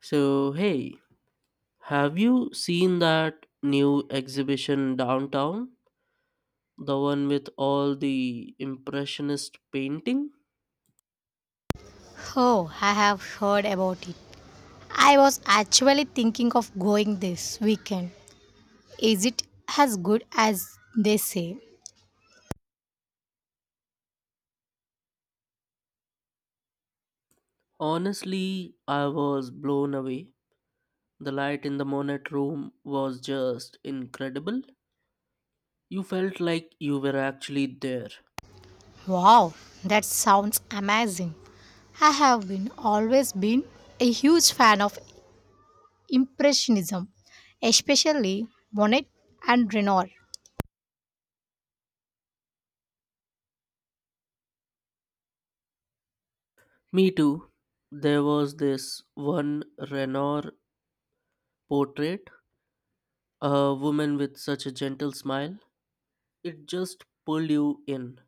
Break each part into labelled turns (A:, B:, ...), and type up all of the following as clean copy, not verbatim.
A: So, hey, have you seen that new exhibition downtown? The one with all the impressionist painting?
B: Oh, I have heard about it. I was actually thinking of going this weekend. Is it as good as they say?
A: Honestly, I was blown away. The light in the Monet room was just incredible. You felt like you were actually there.
B: Wow, that sounds amazing. I have been always been a huge fan of impressionism, especially Monet and Renoir.
A: Me too. There was this one Renoir portrait, a woman with such a gentle smile. It just pulled you in.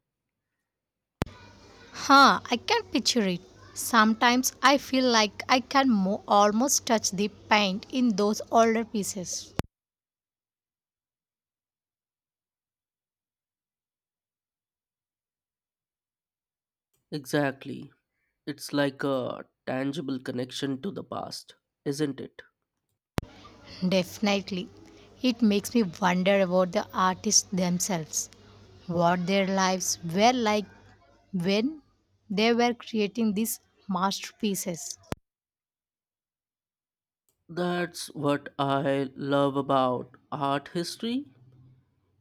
B: Huh, I can picture it. Sometimes I feel like I can almost touch the paint in those older pieces.
A: Exactly. It's like a tangible connection to the past, isn't it?
B: Definitely. It makes me wonder about the artists themselves, what their lives were like when they were creating these masterpieces.
A: That's what I love about art history.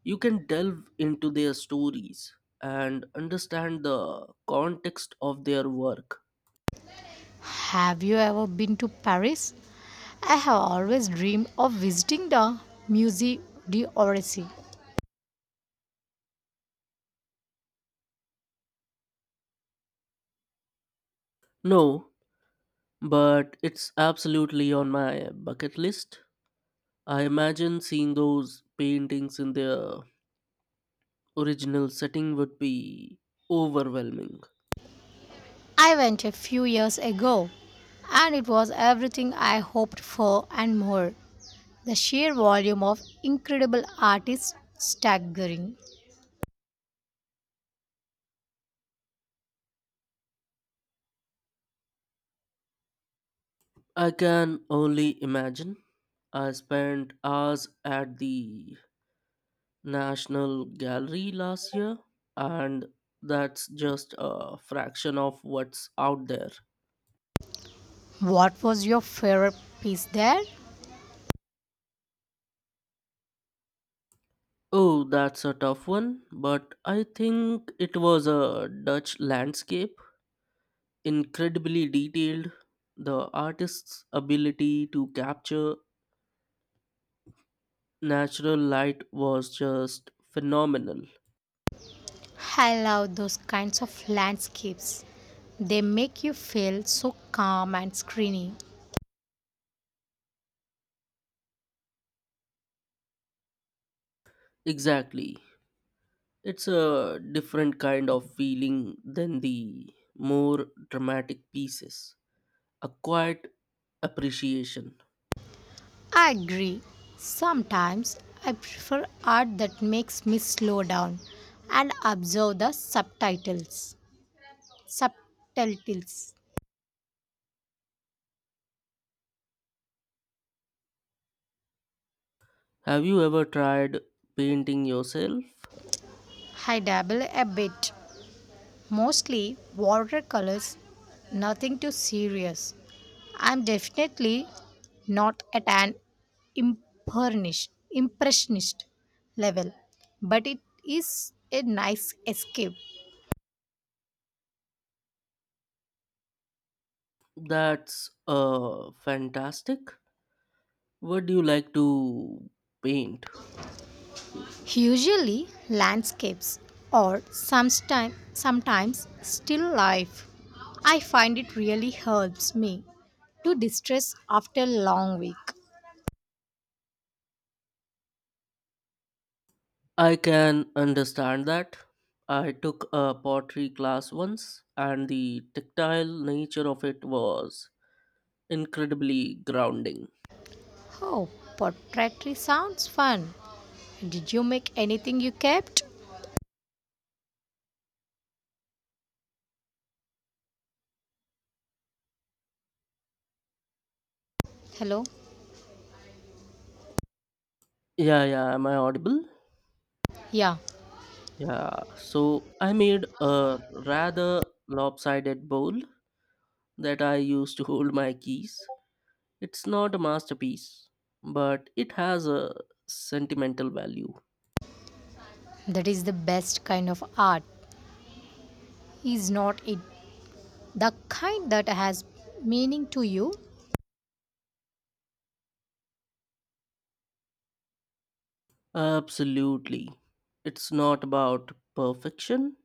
A: You can delve into their stories and understand the context of their work.
B: Have you ever been to Paris? I have always dreamed of visiting the Musée d'Orsay.
A: No, but it's absolutely on my bucket list. I imagine seeing those paintings in their original setting would be overwhelming.
B: I went a few years ago and it was everything I hoped for and more. The sheer volume of incredible art is staggering.
A: I can only imagine. I spent hours at the National Gallery last year, and that's just a fraction of what's out there.
B: What was your favorite piece there?
A: Oh, that's a tough one, but I think it was a Dutch landscape. Incredibly detailed. The artist's ability to capture natural light was just phenomenal.
B: I love those kinds of landscapes. They make you feel so calm and screeny.
A: Exactly. It's a different kind of feeling than the more dramatic pieces. A quiet appreciation.
B: I agree. Sometimes I prefer art that makes me slow down and observe the subtitles.
A: Have you ever tried painting yourself?
B: I dabble a bit, mostly watercolors, nothing too serious. I'm definitely not at an impressionist level, but it is a nice escape.
A: That's fantastic. What do you like to paint?
B: Usually landscapes or sometimes still life. I find it really helps me to distress after long week.
A: I can understand that. I took a pottery class once, and the tactile nature of it was incredibly grounding.
B: Oh, pottery sounds fun. Did you make anything you kept? Hello?
A: Yeah, am I audible?
B: Yeah,
A: Yeah, so I made a rather lopsided bowl that I use to hold my keys. It's not a masterpiece, but it has a sentimental value.
B: that is the best kind of art, is not it? The kind that has meaning to you.
A: Absolutely. It's not about perfection,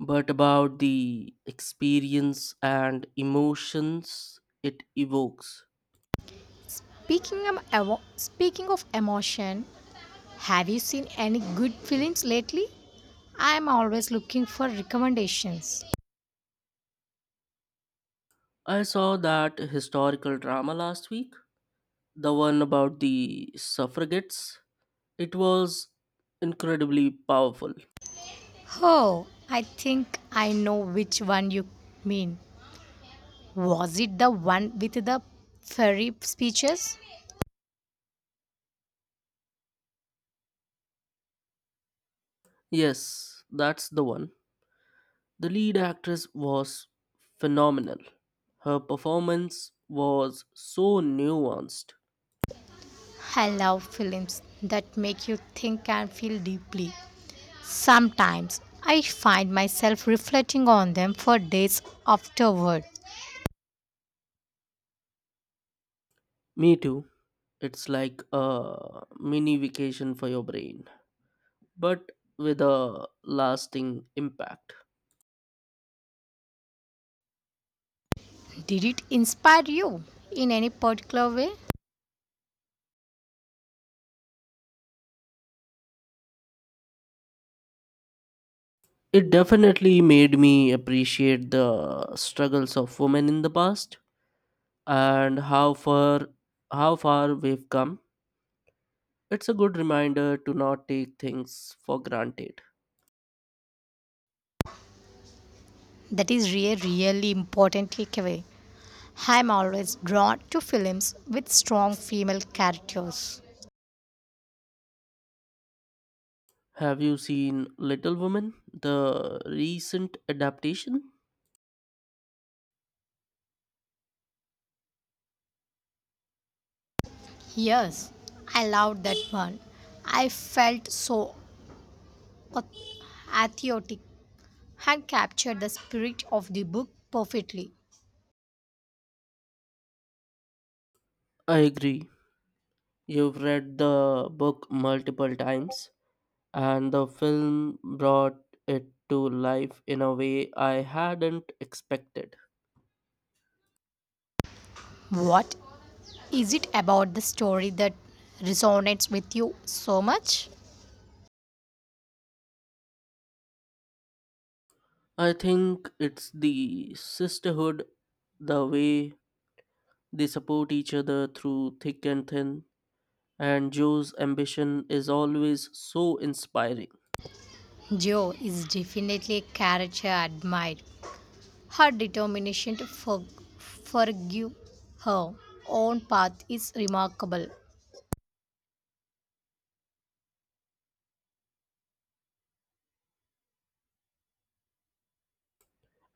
A: but about the experience and emotions it evokes.
B: Speaking of, speaking of emotion, have you seen any good films lately? I am always looking for recommendations.
A: I saw that historical drama last week, the one about the suffragettes. It was incredibly powerful.
B: Oh, I think I know which one you mean. Was it the one with the fairy speeches?
A: Yes, that's the one. The lead actress was phenomenal. Her performance was so nuanced.
B: I love films that make you think and feel deeply. Sometimes I find myself reflecting on them for days afterward.
A: Me too. It's like a mini vacation for your brain, but with a lasting impact.
B: Did it inspire you in any particular way?
A: It definitely made me appreciate the struggles of women in the past and how far we've come. It's a good reminder to not take things for granted.
B: That is really, really important takeaway. I'm always drawn to films with strong female characters.
A: Have you seen Little Women, the recent adaptation?
B: Yes, I loved that one. I felt so ath- athiotic and captured the spirit of the book perfectly.
A: I agree. You've read the book multiple times, and the film brought it to life in a way I hadn't expected.
B: What is it about the story that resonates with you so much?
A: I think it's the sisterhood, the way they support each other through thick and thin, and Joe's ambition is always so inspiring.
B: Joe is definitely a character I admired. Her determination to forgive her own path is remarkable.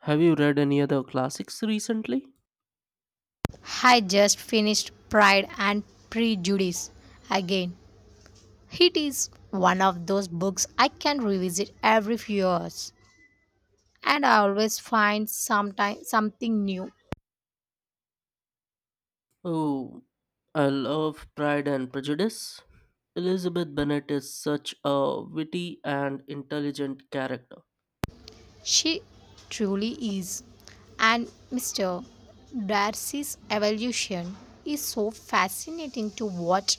A: Have you read any other classics recently?
B: I just finished Pride and Prejudice again. It is one of those books I can revisit every few years, and I always find something new.
A: Oh, I love Pride and Prejudice. Elizabeth Bennet is such a witty and intelligent character.
B: She truly is. And Mr. Darcy's evolution is so fascinating to watch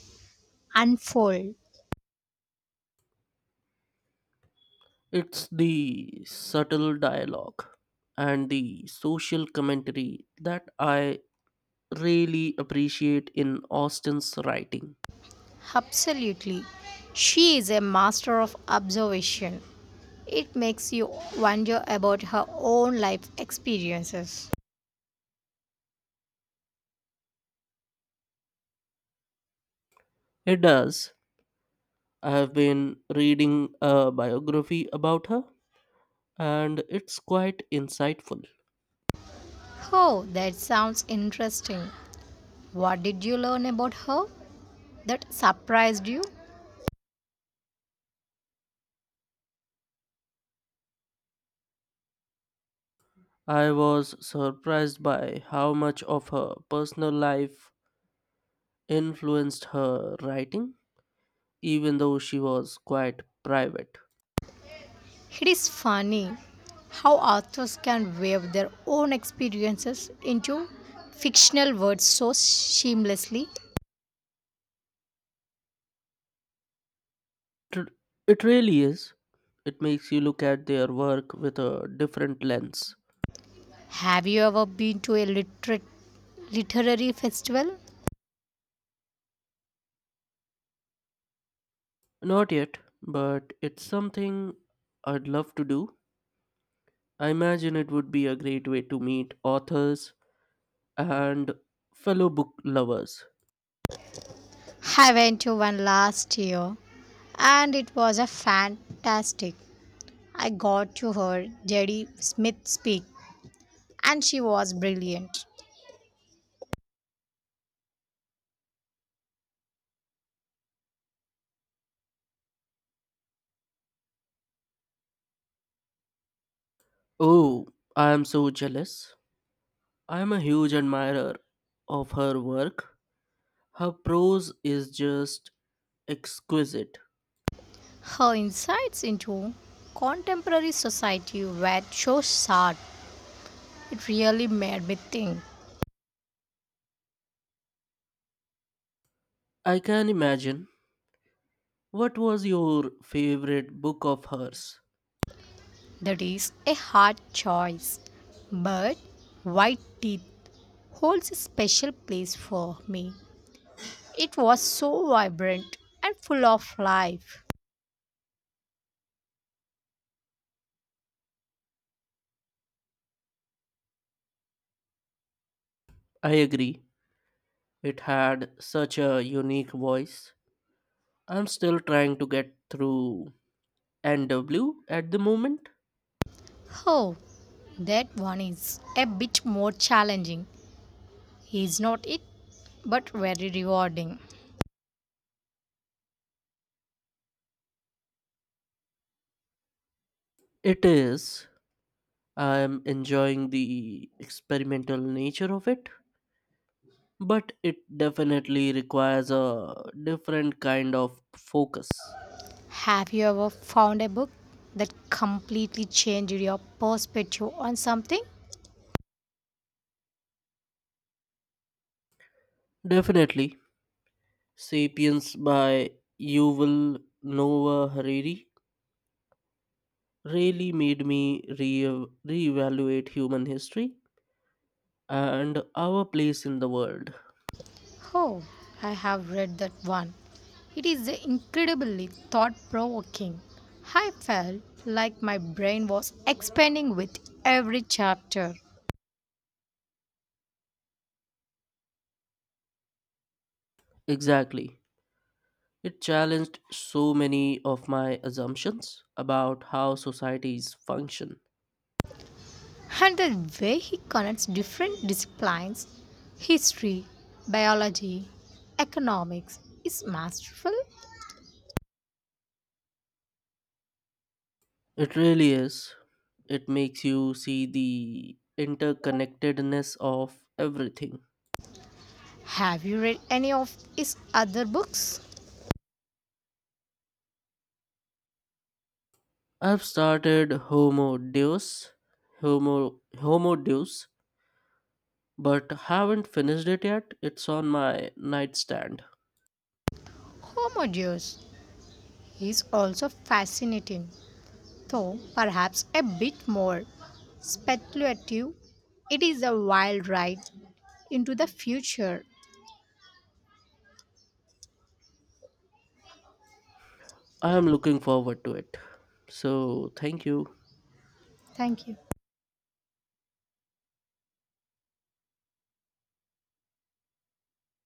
B: unfold.
A: It's the subtle dialogue and the social commentary that I really appreciate in Austen's writing.
B: Absolutely. She is a master of observation. It makes you wonder about her own life experiences.
A: It does. I have been reading a biography about her, and it's quite insightful.
B: Oh, that sounds interesting. What did you learn about her that surprised you?
A: I was surprised by how much of her personal life influenced her writing, even though she was quite private.
B: It is funny how authors can weave their own experiences into fictional words so seamlessly.
A: It, it really is. It makes you look at their work with a different lens.
B: Have you ever been to a literary festival?
A: Not yet, but it's something I'd love to do. I imagine it would be a great way to meet authors and fellow book lovers.
B: I went to one last year and it was a fantastic. I got to hear Jerry Smith speak and she was brilliant.
A: Oh, I am so jealous. I am a huge admirer of her work. Her prose is just exquisite.
B: Her insights into contemporary society were so sharp, it really made me think.
A: I can imagine. What was your favorite book of hers?
B: That is a hard choice, but White Teeth holds a special place for me. It was so vibrant and full of life.
A: I agree. It had such a unique voice. I'm still trying to get through NW at the moment.
B: Oh, that one is a bit more challenging, is not it? But very rewarding.
A: It is. I'm enjoying the experimental nature of it, but it definitely requires a different kind of focus.
B: Have you ever found a book that completely changed your perspective on something?
A: Definitely. Sapiens by Yuval Noah Hariri really made me reevaluate human history and our place in the world.
B: Oh, I have read that one. It is incredibly thought provoking. I felt like my brain was expanding with every chapter.
A: Exactly. It challenged so many of my assumptions about how societies function.
B: And the way he connects different disciplines, history, biology, economics, is masterful.
A: It really is. It makes you see the interconnectedness of everything.
B: Have you read any of his other books?
A: I've started Homo Deus, Homo Deus, but haven't finished it yet. It's on my nightstand.
B: Oh my dear, is also fascinating, though perhaps a bit more speculative. It is a wild ride into the future.
A: I am looking forward to it. So, thank you.
B: Thank you.